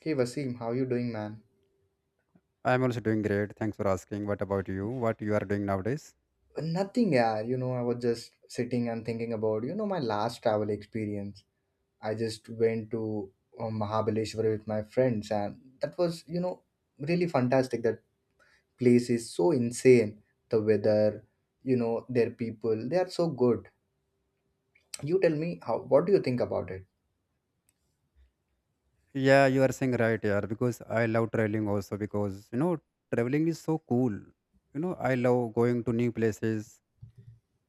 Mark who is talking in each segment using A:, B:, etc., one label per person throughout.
A: Hey Vaseem, how you doing, man?
B: I'm also doing great. Thanks for asking. What about you? What you are doing nowadays?
A: Nothing, yeah. I was just sitting and thinking about, my last travel experience. I just went to Mahabaleshwar with my friends, and that was, really fantastic. That place is so insane. The weather, their people, they are so good. You tell me how. What do you think about it?
B: Yeah, you are saying right, yeah, because I love traveling also because you know traveling is so cool. You know, I love going to new places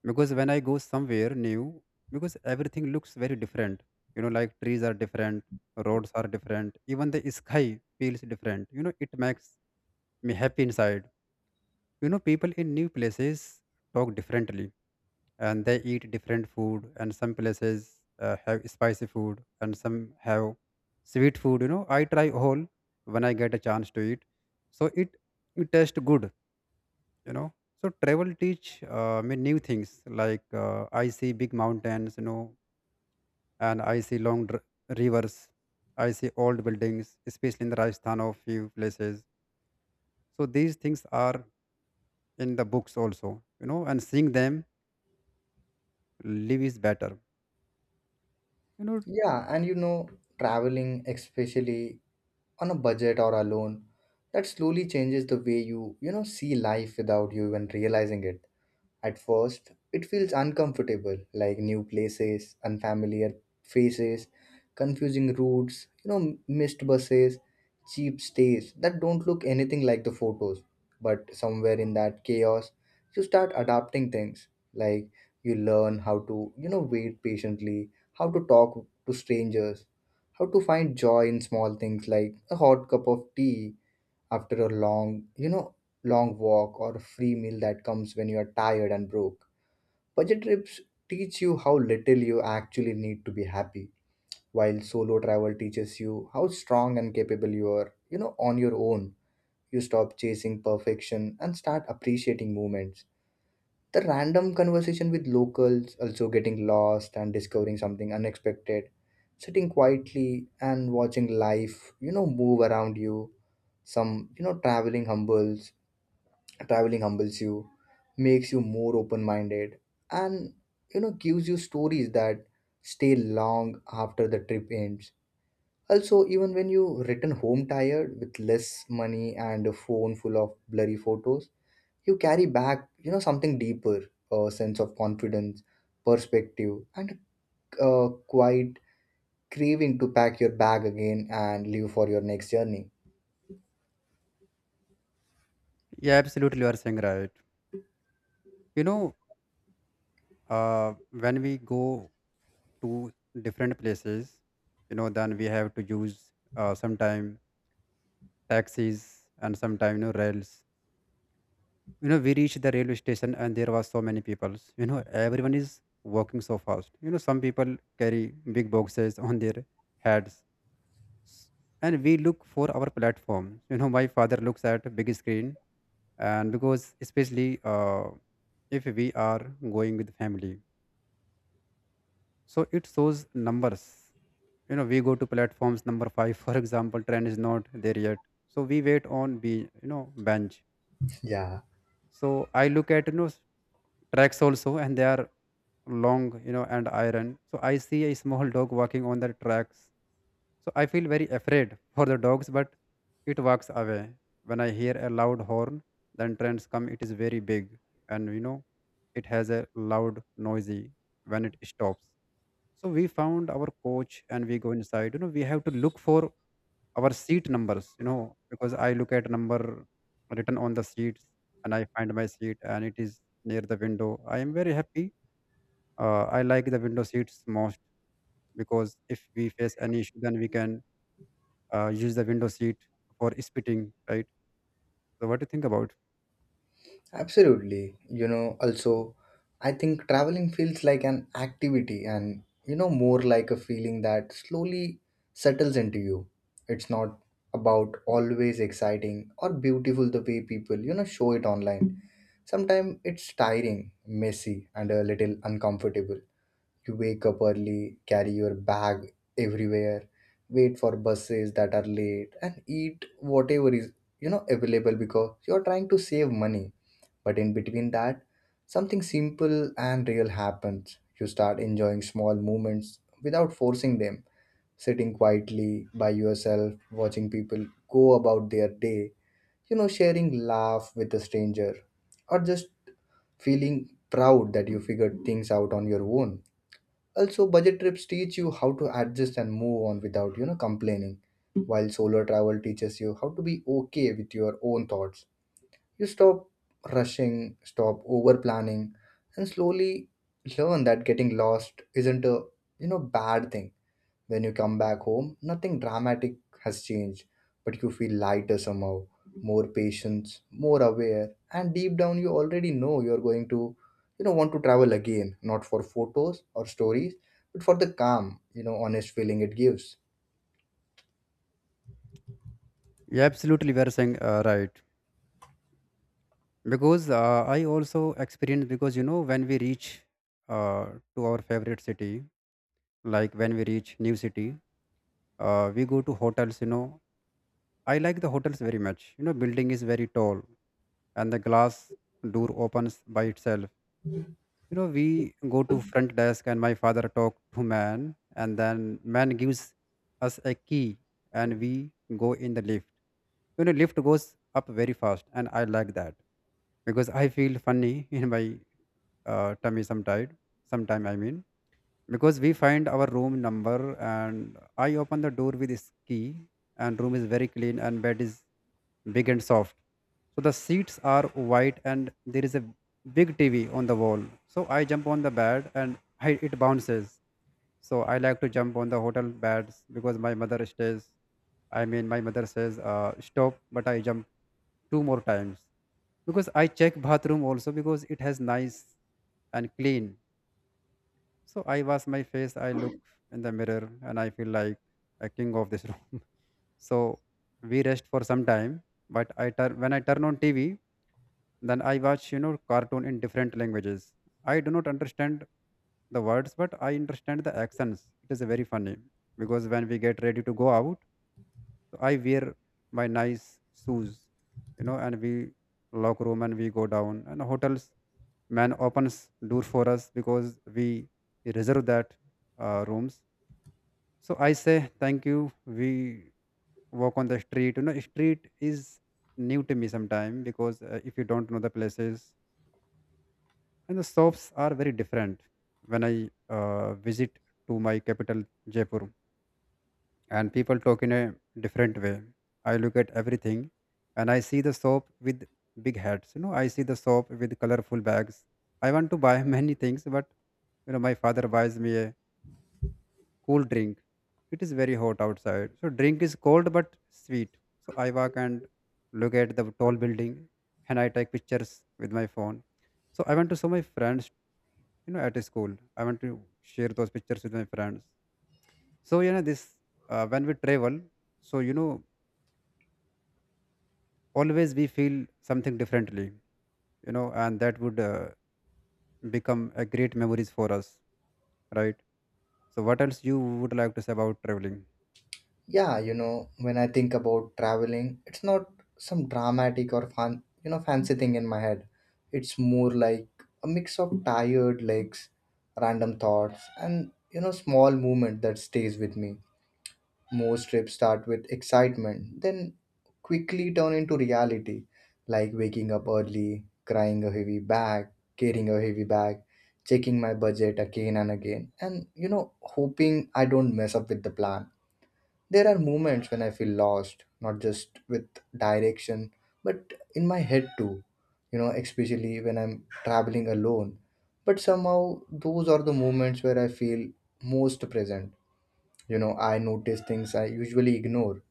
B: because when I go somewhere new, because everything looks very different. You know, like trees are different, roads are different, even the sky feels different. You know, it makes me happy inside. You know, people in new places talk differently and they eat different food and some places have spicy food and some have sweet food. You know, I try all when I get a chance to eat, so it tastes good, you know. So travel teach me new things, like I see big mountains, you know, and I see long rivers. I see old buildings, especially in the Rajasthan of few places. So these things are in the books also, you know, and seeing them live is better, you know.
A: Yeah, and traveling, especially on a budget or alone, that slowly changes the way you see life without you even realizing it. At first, it feels uncomfortable, like new places, unfamiliar faces, confusing routes, missed buses, cheap stays that don't look anything like the photos. But somewhere in that chaos, you start adapting things. Like you learn how to, wait patiently, how to talk to strangers, how to find joy in small things like a hot cup of tea after a long walk or a free meal that comes when you are tired and broke. Budget trips teach you how little you actually need to be happy, while solo travel teaches you how strong and capable you are, on your own. You stop chasing perfection and start appreciating moments. The random conversation with locals, also getting lost and discovering something unexpected, sitting quietly and watching life, move around you some you know traveling humbles Traveling humbles you, makes you more open minded, and gives you stories that stay long after the trip ends, also even when you return home tired with less money and a phone full of blurry photos. You carry back something deeper, a sense of confidence, perspective, and a quiet craving to pack your bag again and leave for your next journey.
B: Yeah, absolutely, you are saying right, you know. Uh, when we go to different places, you know, then we have to use sometime taxis and sometime, you know, rails. You know, we reached the railway station and there was so many people. You know, everyone is walking so fast. You know, some people carry big boxes on their heads. And we look for our platform. You know, my father looks at big screen. And because especially if we are going with family, so it shows numbers. You know, we go to platforms number 5, for example. Train is not there yet, so we wait on be you know, bench.
A: Yeah.
B: So I look at, you know, tracks also, and they are long, you know, and iron. So I see a small dog walking on the tracks. So I feel very afraid for the dogs, but it walks away when I hear a loud horn. Then trains come. It is very big, and you know, it has a loud noisy when it stops. So we found our coach and we go inside. You know, we have to look for our seat numbers, you know, because I look at number written on the seats, and I find my seat and it is near the window. I am very happy. I like the window seats most because if we face any issue, then we can use the window seat for spitting, right? So what do you think about?
A: Absolutely. I think traveling feels like an activity and, more like a feeling that slowly settles into you. It's not about always exciting or beautiful the way people, show it online. Sometimes it's tiring, messy, and a little uncomfortable. You wake up early, carry your bag everywhere, wait for buses that are late, and eat whatever is, available because you're trying to save money, but in between that, something simple and real happens. You start enjoying small moments without forcing them, sitting quietly by yourself, watching people go about their day, sharing laugh with a stranger, or just feeling proud that you figured things out on your own. Also, budget trips teach you how to adjust and move on without, complaining, while solo travel teaches you how to be okay with your own thoughts. You stop rushing, stop over planning, and slowly learn that getting lost isn't a bad thing. When you come back home, nothing dramatic has changed, but you feel lighter somehow, more patient, more aware, and deep down you already know you're going to want to travel again, not for photos or stories, but for the calm, honest feeling it gives.
B: You absolutely were saying right, because I also experienced, because you know, when we reach uh, to our favorite city, like when we reach new city, we go to hotels. You know, I like the hotels very much. You know, building is very tall and the glass door opens by itself. You know, we go to front desk and my father talk to man, and then man gives us a key. And we go in the lift. You know, lift goes up very fast and I like that because I feel funny in my tummy sometime, I mean. Because we find our room number and I open the door with his key, and room is very clean and bed is big and soft. So the seats are white and there is a big TV on the wall. So I jump on the bed and it bounces. So I like to jump on the hotel beds because my mother stays, I mean my mother says stop, but I jump two more times. Because I check bathroom also because it has nice and clean. So I wash my face, I look in the mirror, and I feel like a king of this room. So we rest for some time, but I turn when I turn on TV, then I watch, you know, cartoon in different languages. I do not understand the words, but I understand the accents. It is very funny. Because when we get ready to go out, so I wear my nice shoes, you know, and we lock room and we go down. And hotels man opens door for us because we reserve that rooms. So I say thank you. We walk on the street. You know, street is new to me sometime because if you don't know the places. And the shops are very different when I visit to my capital Jaipur, and people talk in a different way. I look at everything and I see the soap with big hats. You know, I see the soap with colorful bags. I want to buy many things, but you know, my father buys me a cool drink. It is very hot outside, so drink is cold but sweet. So I walk and look at the tall building, and I take pictures with my phone. So I want to show my friends, you know, at school. I want to share those pictures with my friends. So you know, this when we travel, so you know, always we feel something differently, you know, and that would become a great memories for us, right? So what else you would like to say about traveling?
A: Yeah, when I think about traveling, it's not some dramatic or fun, fancy thing in my head. It's more like a mix of tired legs, random thoughts, and small movement that stays with me. Most trips start with excitement, then quickly turn into reality, like waking up early, crying a heavy bag carrying a heavy bag, checking my budget again and again, and hoping I don't mess up with the plan. There are moments when I feel lost, not just with direction, but in my head too, you know, especially when I'm traveling alone. But somehow, those are the moments where I feel most present. You know, I notice things I usually ignore,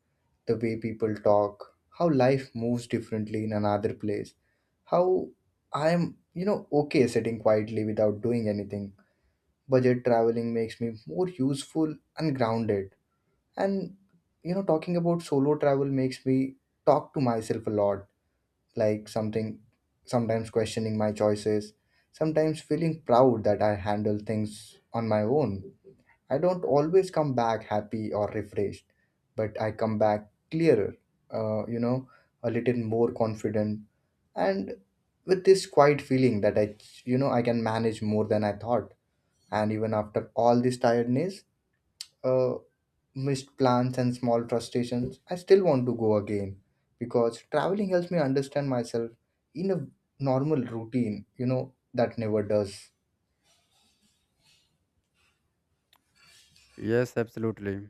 A: the way people talk, how life moves differently in another place, how I'm, you know, okay sitting quietly without doing anything. Budget traveling makes me more useful and grounded, and you know, talking about solo travel makes me talk to myself a lot, like something sometimes questioning my choices, sometimes feeling proud that I handle things on my own. I don't always come back happy or refreshed, but I come back clearer, uh, you know, a little more confident and with this quiet feeling that I can manage more than I thought. And even after all this tiredness, uh, missed plans and small frustrations, I still want to go again because traveling helps me understand myself in a normal routine, that never does.
B: Yes, absolutely.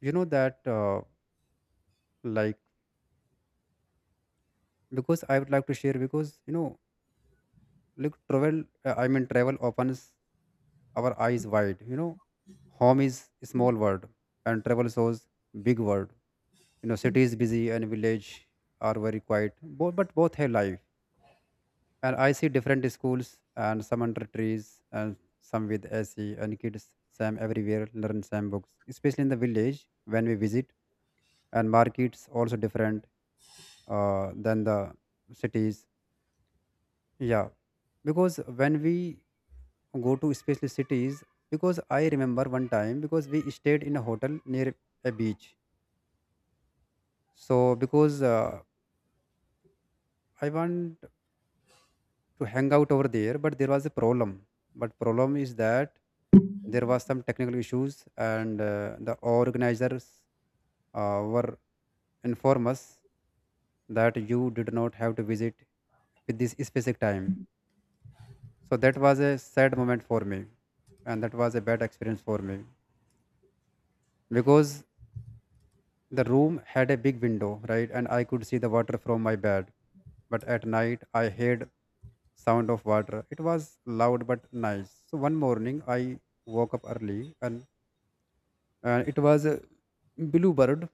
B: You know that like, because I would like to share, because you know, like travel I mean travel opens our eyes wide, you know. Home is a small world, and travel shows big world. You know, city is busy and village are very quiet both, but both have life. And I see different schools, and some under trees and some with AC, and kids same everywhere learn same books, especially in the village when we visit. And markets also different than the cities. Yeah, because when we go to especially cities, because I remember one time because we stayed in a hotel near a beach. So because I want to hang out over there, but there was a problem. But problem is that there was some technical issues, and the organizers were inform us that you did not have to visit with this specific time. So that was a sad moment for me, and that was a bad experience for me. Because the room had a big window, right, and I could see the water from my bed. But at night, I heard sound of water. It was loud but nice. So one morning, I woke up early, and it was a bluebird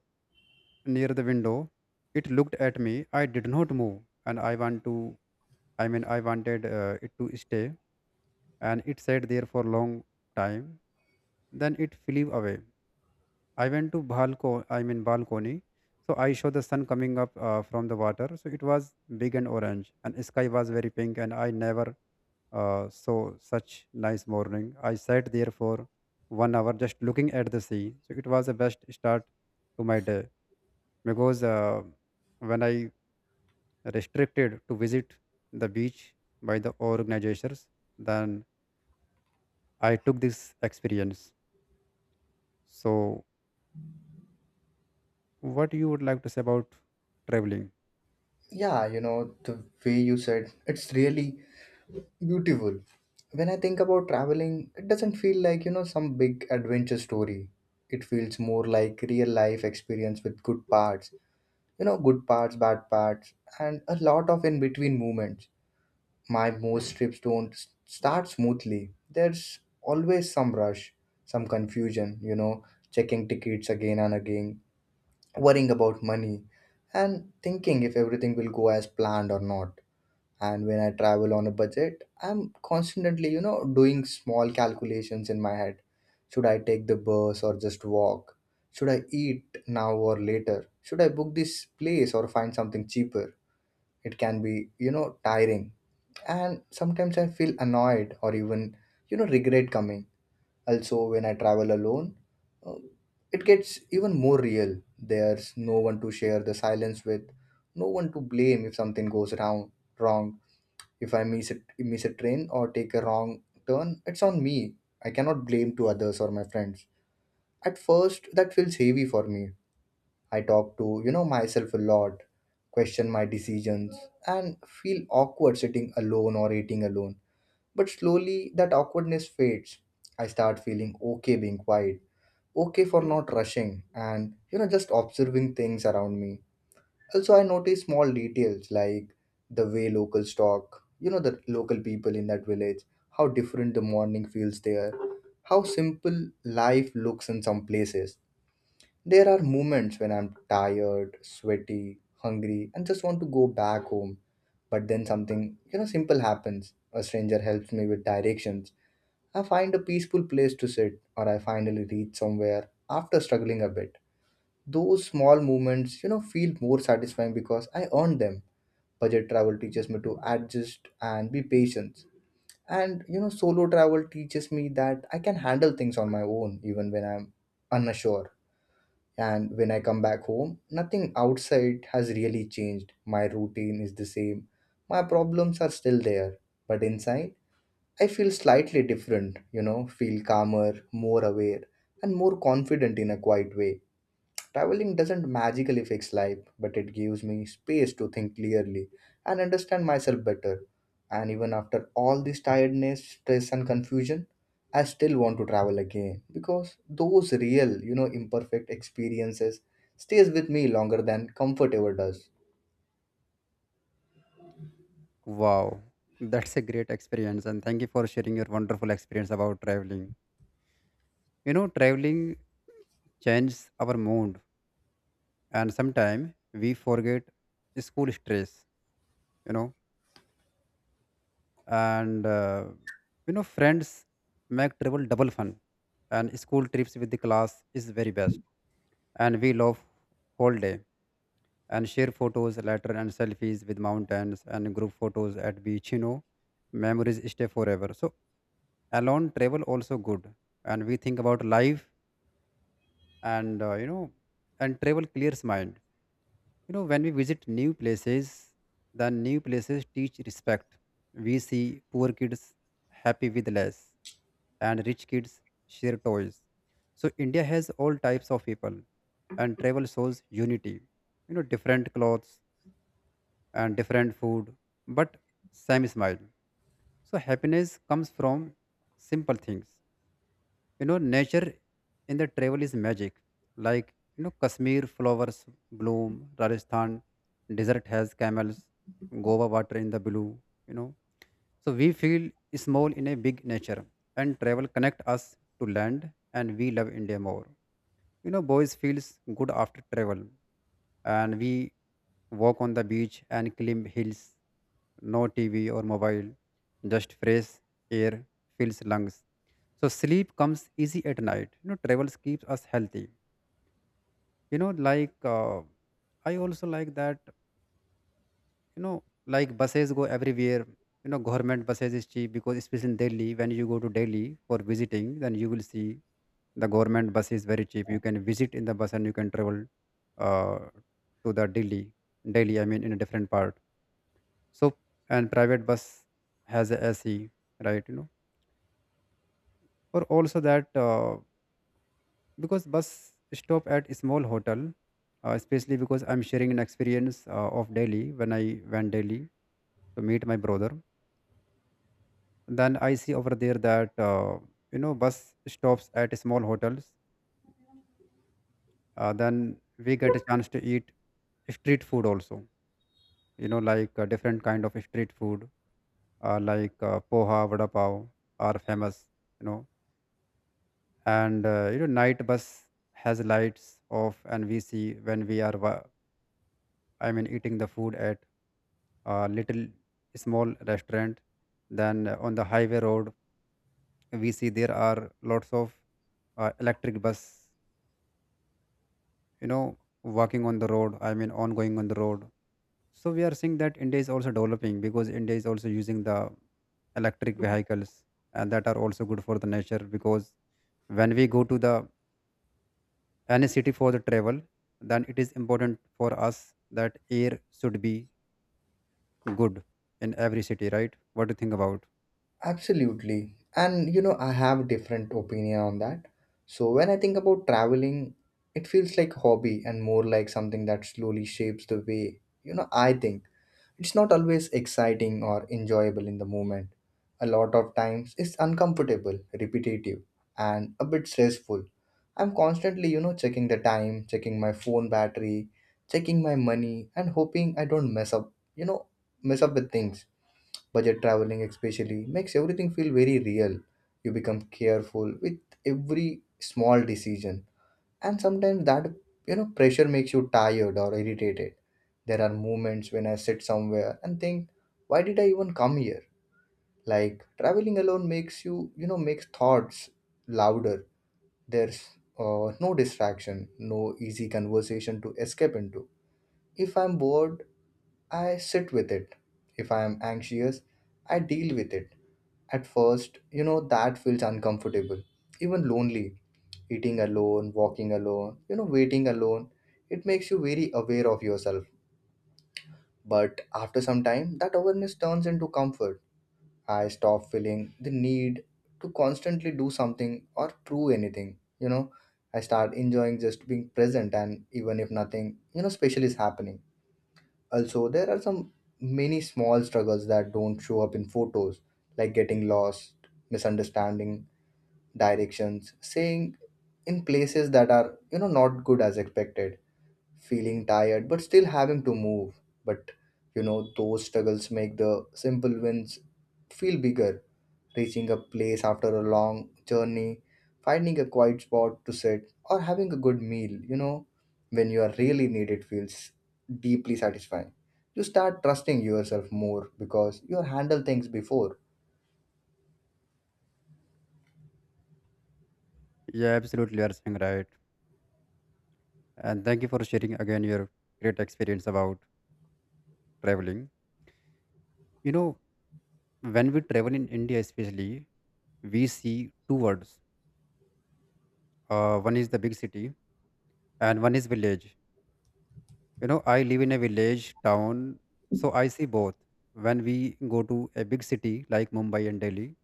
B: near the window. It looked at me. I did not move, and I wanted it to stay, and it sat there for a long time. Then it flew away. I went to balcony. I mean balcony. So I saw the sun coming up from the water. So it was big and orange, and sky was very pink. And I never saw such nice morning. I sat there for 1 hour just looking at the sea. So it was the best start to my day, because when I restricted to visit the beach by the organizers, then I took this experience. So what you would like to say about traveling?
A: Yeah, you know, the way you said, it's really beautiful. When I think about traveling, it doesn't feel like, some big adventure story. It feels more like real life experience with good parts, bad parts, and a lot of in between moments. My most trips don't start smoothly. There's always some rush, some confusion, checking tickets again and again, worrying about money, and thinking if everything will go as planned or not. And when I travel on a budget, I'm constantly, doing small calculations in my head. Should I take the bus or just walk? Should I eat now or later? Should I book this place or find something cheaper? It can be, tiring, and sometimes I feel annoyed or even regret coming. Also when I travel alone, uh, it gets even more real. There's no one to share the silence with, no one to blame if something goes wrong. If I miss a train or take a wrong turn, it's on me. I cannot blame to others or my friends. At first that feels heavy for me. I talk to myself a lot, question my decisions, and feel awkward sitting alone or eating alone. But slowly that awkwardness fades. I start feeling okay being quiet, okay for not rushing, and you know, just observing things around me. Also, I notice small details like the way locals talk, you know, the local people in that village, how different the morning feels there, how simple life looks in some places. There are moments when I'm tired, sweaty, hungry, and just want to go back home. But then something, simple happens. A stranger helps me with directions, I find a peaceful place to sit, or I finally reach somewhere after struggling a bit. Those small moments, feel more satisfying because I earned them. Budget travel teaches me to adjust and be patient. And, solo travel teaches me that I can handle things on my own even when I'm unsure. And when I come back home, nothing outside has really changed. My routine is the same. My problems are still there. But inside, I feel slightly different, feel calmer, more aware, and more confident in a quiet way. Traveling doesn't magically fix life, but it gives me space to think clearly and understand myself better. And even after all this tiredness, stress, and confusion, I still want to travel again because those real, imperfect experiences stays with me longer than comfort ever does.
B: Wow, that's a great experience, and thank you for sharing your wonderful experience about traveling. You know, traveling changes our mood, and sometimes we forget school stress, you know, and you know, friends make travel double fun, and school trips with the class is very best, and we love whole day. And share photos, later and selfies with mountains and group photos at beach. You know, memories stay forever. So alone travel also good, and we think about life and you know, and travel clears mind. You know, when we visit new places, then new places teach respect. We see poor kids happy with less, and rich kids share toys. So India has all types of people, and travel shows unity. You know, different clothes and different food, but same smile. So happiness comes from simple things. You know, nature in the travel is magic. Like you know, Kashmir flowers bloom, Rajasthan desert has camels, Goa water in the blue. You know, so we feel small in a big nature, and travel connect us to land, and we love India more. You know, boys feels good after travel, and we walk on the beach and climb hills. No TV or mobile, just fresh air fills lungs. So sleep comes easy at night. You know, travels keeps us healthy. You know, like uh, I also like that you know like buses go everywhere. You know, government buses is cheap because especially in Delhi, when you go to Delhi for visiting, then you will see the government bus is very cheap. You can visit in the bus and you can travel uh, to the delhi delhi I mean in a different part. So and private bus has a AC, right? You know, or also that because bus stop at small hotel. Especially because I'm sharing an experience of Delhi, when I went Delhi to meet my brother, then I see over there that you know, bus stops at small hotels. Then we get a chance to eat street food also. Different kind of street food, poha, vada pav are famous, you know. And you know, night bus has lights off and we see when we are I mean eating the food at a little small restaurant. Then on the highway road, we see there are lots of electric bus, you know, walking on the road, I mean on going on the road. So we are seeing that India is also developing because India is also using the electric vehicles. And that are also good for the nature because when we go to the any city for the travel, then it is important for us that air should be good in every city, right? What do you think about?
A: Absolutely. And you know, I have different opinion on that. So when I think about traveling, it feels like hobby and more like something that slowly shapes the way, I think. It's not always exciting or enjoyable in the moment. A lot of times it's uncomfortable, repetitive, and a bit stressful. I'm constantly, checking the time, checking my phone battery, checking my money, and hoping I don't mess up with things. Budget traveling, especially, makes everything feel very real. You become careful with every small decision, and sometimes that pressure makes you tired or irritated. There are moments when I sit somewhere and think, why did I even come here? Like traveling alone makes thoughts louder. There's no distraction, no easy conversation to escape into. If I'm bored, I sit with it. If I am anxious, I deal with it. At first, that feels uncomfortable, even lonely. Eating alone, walking alone, waiting alone, it makes you very aware of yourself. But after some time, that awareness turns into comfort. I stop feeling the need to constantly do something or prove anything, you know. I start enjoying just being present, and even if nothing, special is happening. Also, there are some many small struggles that don't show up in photos, like getting lost, misunderstanding directions, staying in places that are, not good as expected, feeling tired but still having to move. But, those struggles make the simple wins feel bigger, reaching a place after a long journey, finding a quiet spot to sit, or having a good meal, when you are really needed feels deeply satisfying. You start trusting yourself more because you handle things before.
B: Yeah, absolutely, you are saying right. And thank you for sharing again your great experience about traveling. You know, when we travel in India especially, we see two words. One is the big city and one is village. You know, I live in a village town, so I see both. When we go to a big city like Mumbai and Delhi,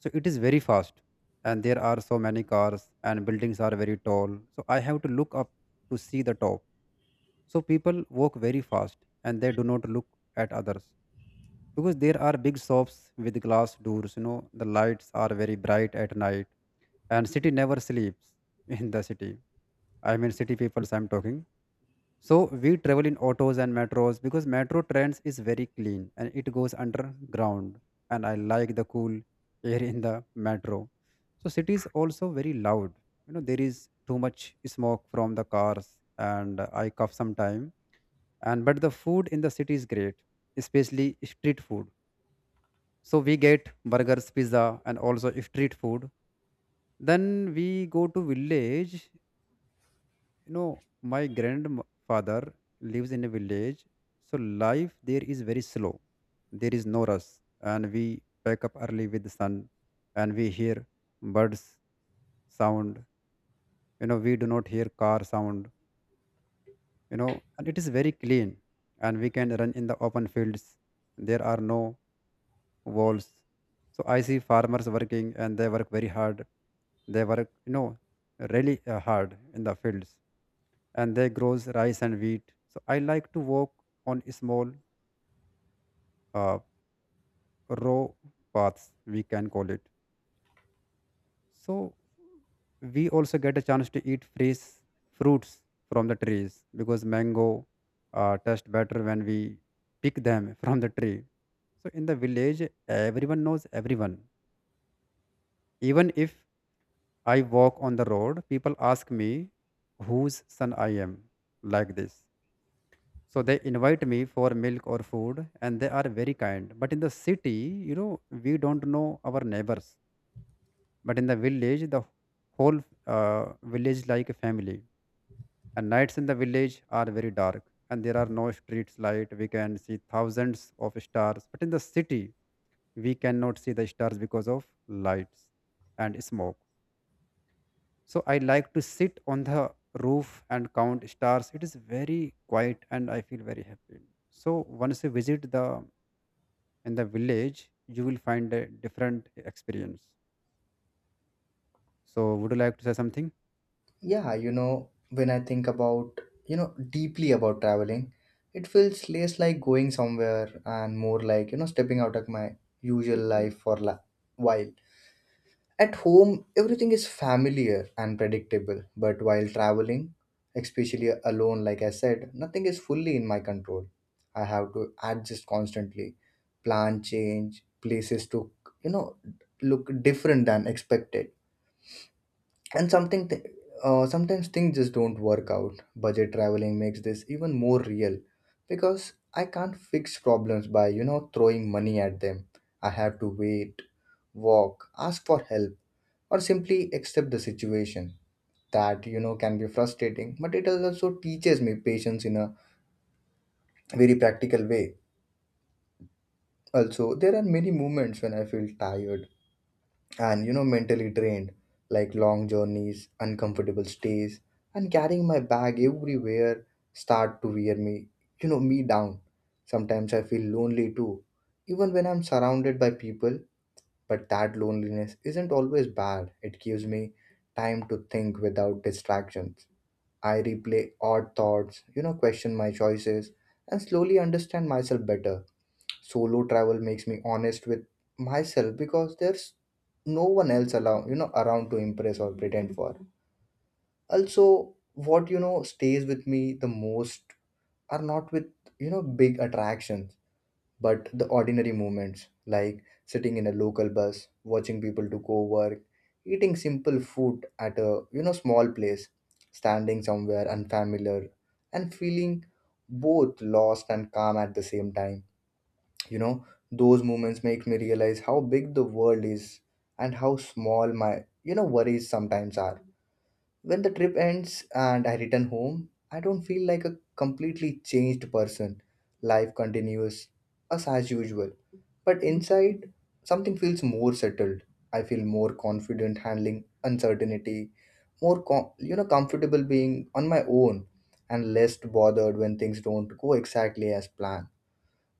B: so it is very fast and there are so many cars and buildings are very tall. So I have to look up to see the top. So people walk very fast and they do not look at others because there are big shops with glass doors. You know, the lights are very bright at night and city never sleeps, in the city I mean, city people so I'm talking. So we travel in autos and metros because metro trains is very clean and it goes underground and I like the cool air in the metro. So cities also very loud. You know, there is too much smoke from the cars and I cough sometime. And but the food in the city is great, especially street food. So we get burgers, pizza and also street food. Then we go to village. You know, my grandfather lives in a village, so life there is very slow. There is no rush, and we wake up early with the sun, and we hear birds sound. You know, we do not hear car sound. You know, and it is very clean, and we can run in the open fields. There are no walls. So I see farmers working, and they work very hard. They work, you know, really hard in the fields and there grows rice and wheat. So I like to walk on small uh, row paths, we can call it. So we also get a chance to eat fresh fruits from the trees because mango taste better when we pick them from the tree. So in the village, everyone knows everyone. Even if I walk on the road, people ask me whose son I am, like this. So they invite me for milk or food, and they are very kind. But in the city, you know, we don't know our neighbors. But in the village, the whole village like a family. And nights in the village are very dark, and there are no streets light. We can see thousands of stars, but in the city, we cannot see the stars because of lights and smoke. So I like to sit on the roof and count stars. It is very quiet, and I feel very happy. So once you visit the in the village, you will find a different experience. So would you like to say something?
A: Yeah, when I think about, deeply about traveling, it feels less like going somewhere and more like, stepping out of my usual life for while. At home, everything is familiar and predictable, but while traveling, especially alone, like I said, nothing is fully in my control. I have to adjust constantly, plan change, places to you know look different than expected, and sometimes things just don't work out. Budget traveling makes this even more real because I can't fix problems by throwing money at them. I have to wait, walk, ask for help or simply accept the situation that can be frustrating, but it also teaches me patience in a very practical way. Also, there are many moments when I feel tired and mentally drained, like long journeys, uncomfortable stays, and carrying my bag everywhere start to wear me you know me down. Sometimes I feel lonely too, even when I'm surrounded by people, but that loneliness isn't always bad. It gives me time to think without distractions. I replay odd thoughts, question my choices, and slowly understand myself better. Solo travel makes me honest with myself because there's no one else allow around to impress or pretend for. Also, what stays with me the most are not with big attractions, but the ordinary moments, like sitting in a local bus watching people to go work, eating simple food at a small place, standing somewhere unfamiliar and feeling both lost and calm at the same time you know those moments make me realize how big the world is and how small my worries sometimes are. When the trip ends and I return home, I don't feel like a completely changed person. Life continues as usual, but inside, something feels more settled. I feel more confident handling uncertainty, more comfortable being on my own, and less bothered when things don't go exactly as planned.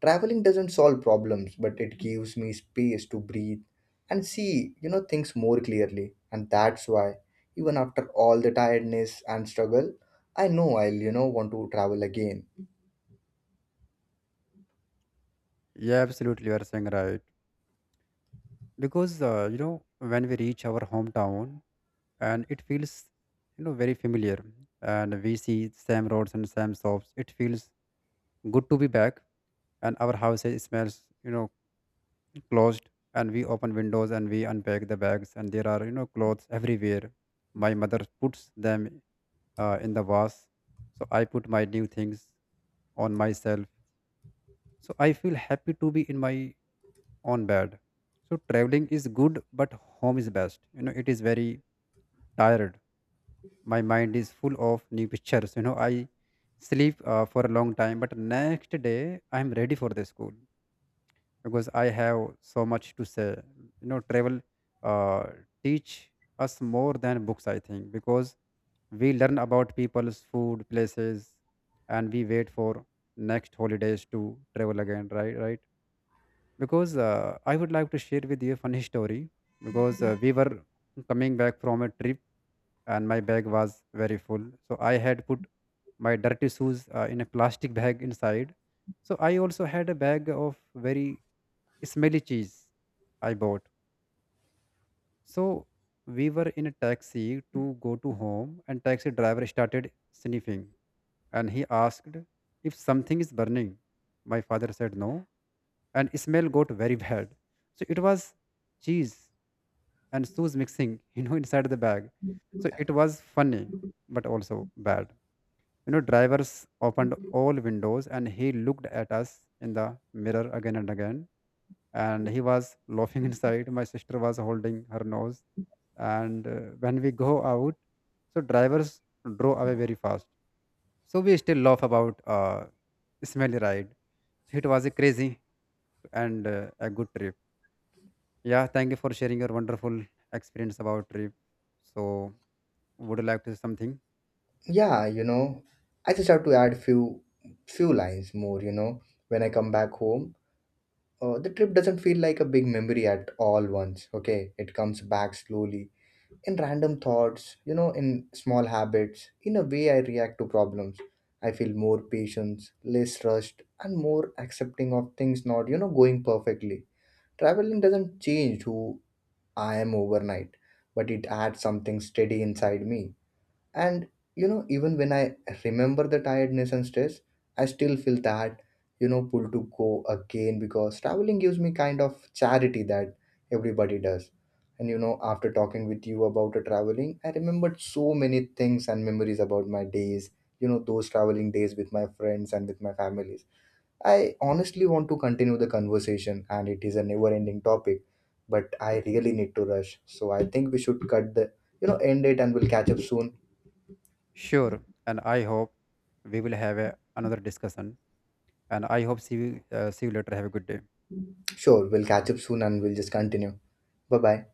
A: Traveling doesn't solve problems, but it gives me space to breathe and see things more clearly. And that's why, even after all the tiredness and struggle, I know I'll want to travel again.
B: Yeah, absolutely, you are saying right. Because you know, when we reach our hometown and it feels, you know, very familiar, and we see same roads and same shops, it feels good to be back. And our house smells, you know, closed. And we open windows and we unpack the bags and there are, you know, clothes everywhere. My mother puts them in the vase, so I put my new things on myself. So I feel happy to be in my own bed. So traveling is good, but home is best. You know, it is very tired. My mind is full of new pictures. You know, I sleep for a long time, but next day I am ready for the school because I have so much to say. You know, travel uh, teach us more than books, I think, because we learn about people's food, places, and we wait for next holidays to travel again. Right, right. Because I would like to share with you a funny story. Because we were coming back from a trip and my bag was very full. So I had put my dirty shoes in a plastic bag inside. So I also had a bag of very smelly cheese I bought. So we were in a taxi to go to home, and taxi driver started sniffing and he asked if something is burning. My father said no and smell got very bad. So it was cheese and shoes mixing, you know, inside the bag. So it was funny, but also bad. You know, drivers opened all windows and he looked at us in the mirror again and again. And he was laughing inside. My sister was holding her nose. And when we go out, so drivers drove away very fast. So we still laugh about smelly ride. So it was a crazy and a good trip. Yeah, thank you for sharing your wonderful experience about trip. So would you like to say something?
A: Yeah, I just have to add few lines more, when I come back home. The trip doesn't feel like a big memory at all once, okay? It comes back slowly in random thoughts, in small habits, in a way I react to problems. I feel more patience, less rushed, and more accepting of things not, going perfectly. Traveling doesn't change who I am overnight, but it adds something steady inside me. And even when I remember the tiredness and stress, I still feel that, pull to go again because traveling gives me kind of charity that everybody does. And after talking with you about the traveling, I remembered so many things and memories about my days, those traveling days with my friends and with my families. I honestly want to continue the conversation and it is a never ending topic, but I really need to rush. So I think we should cut the, end it, and we'll catch up soon.
B: Sure. And I hope we will have a, another discussion. And I hope see you later. Have a good day.
A: Sure, we'll catch up soon and we'll just continue. Bye bye.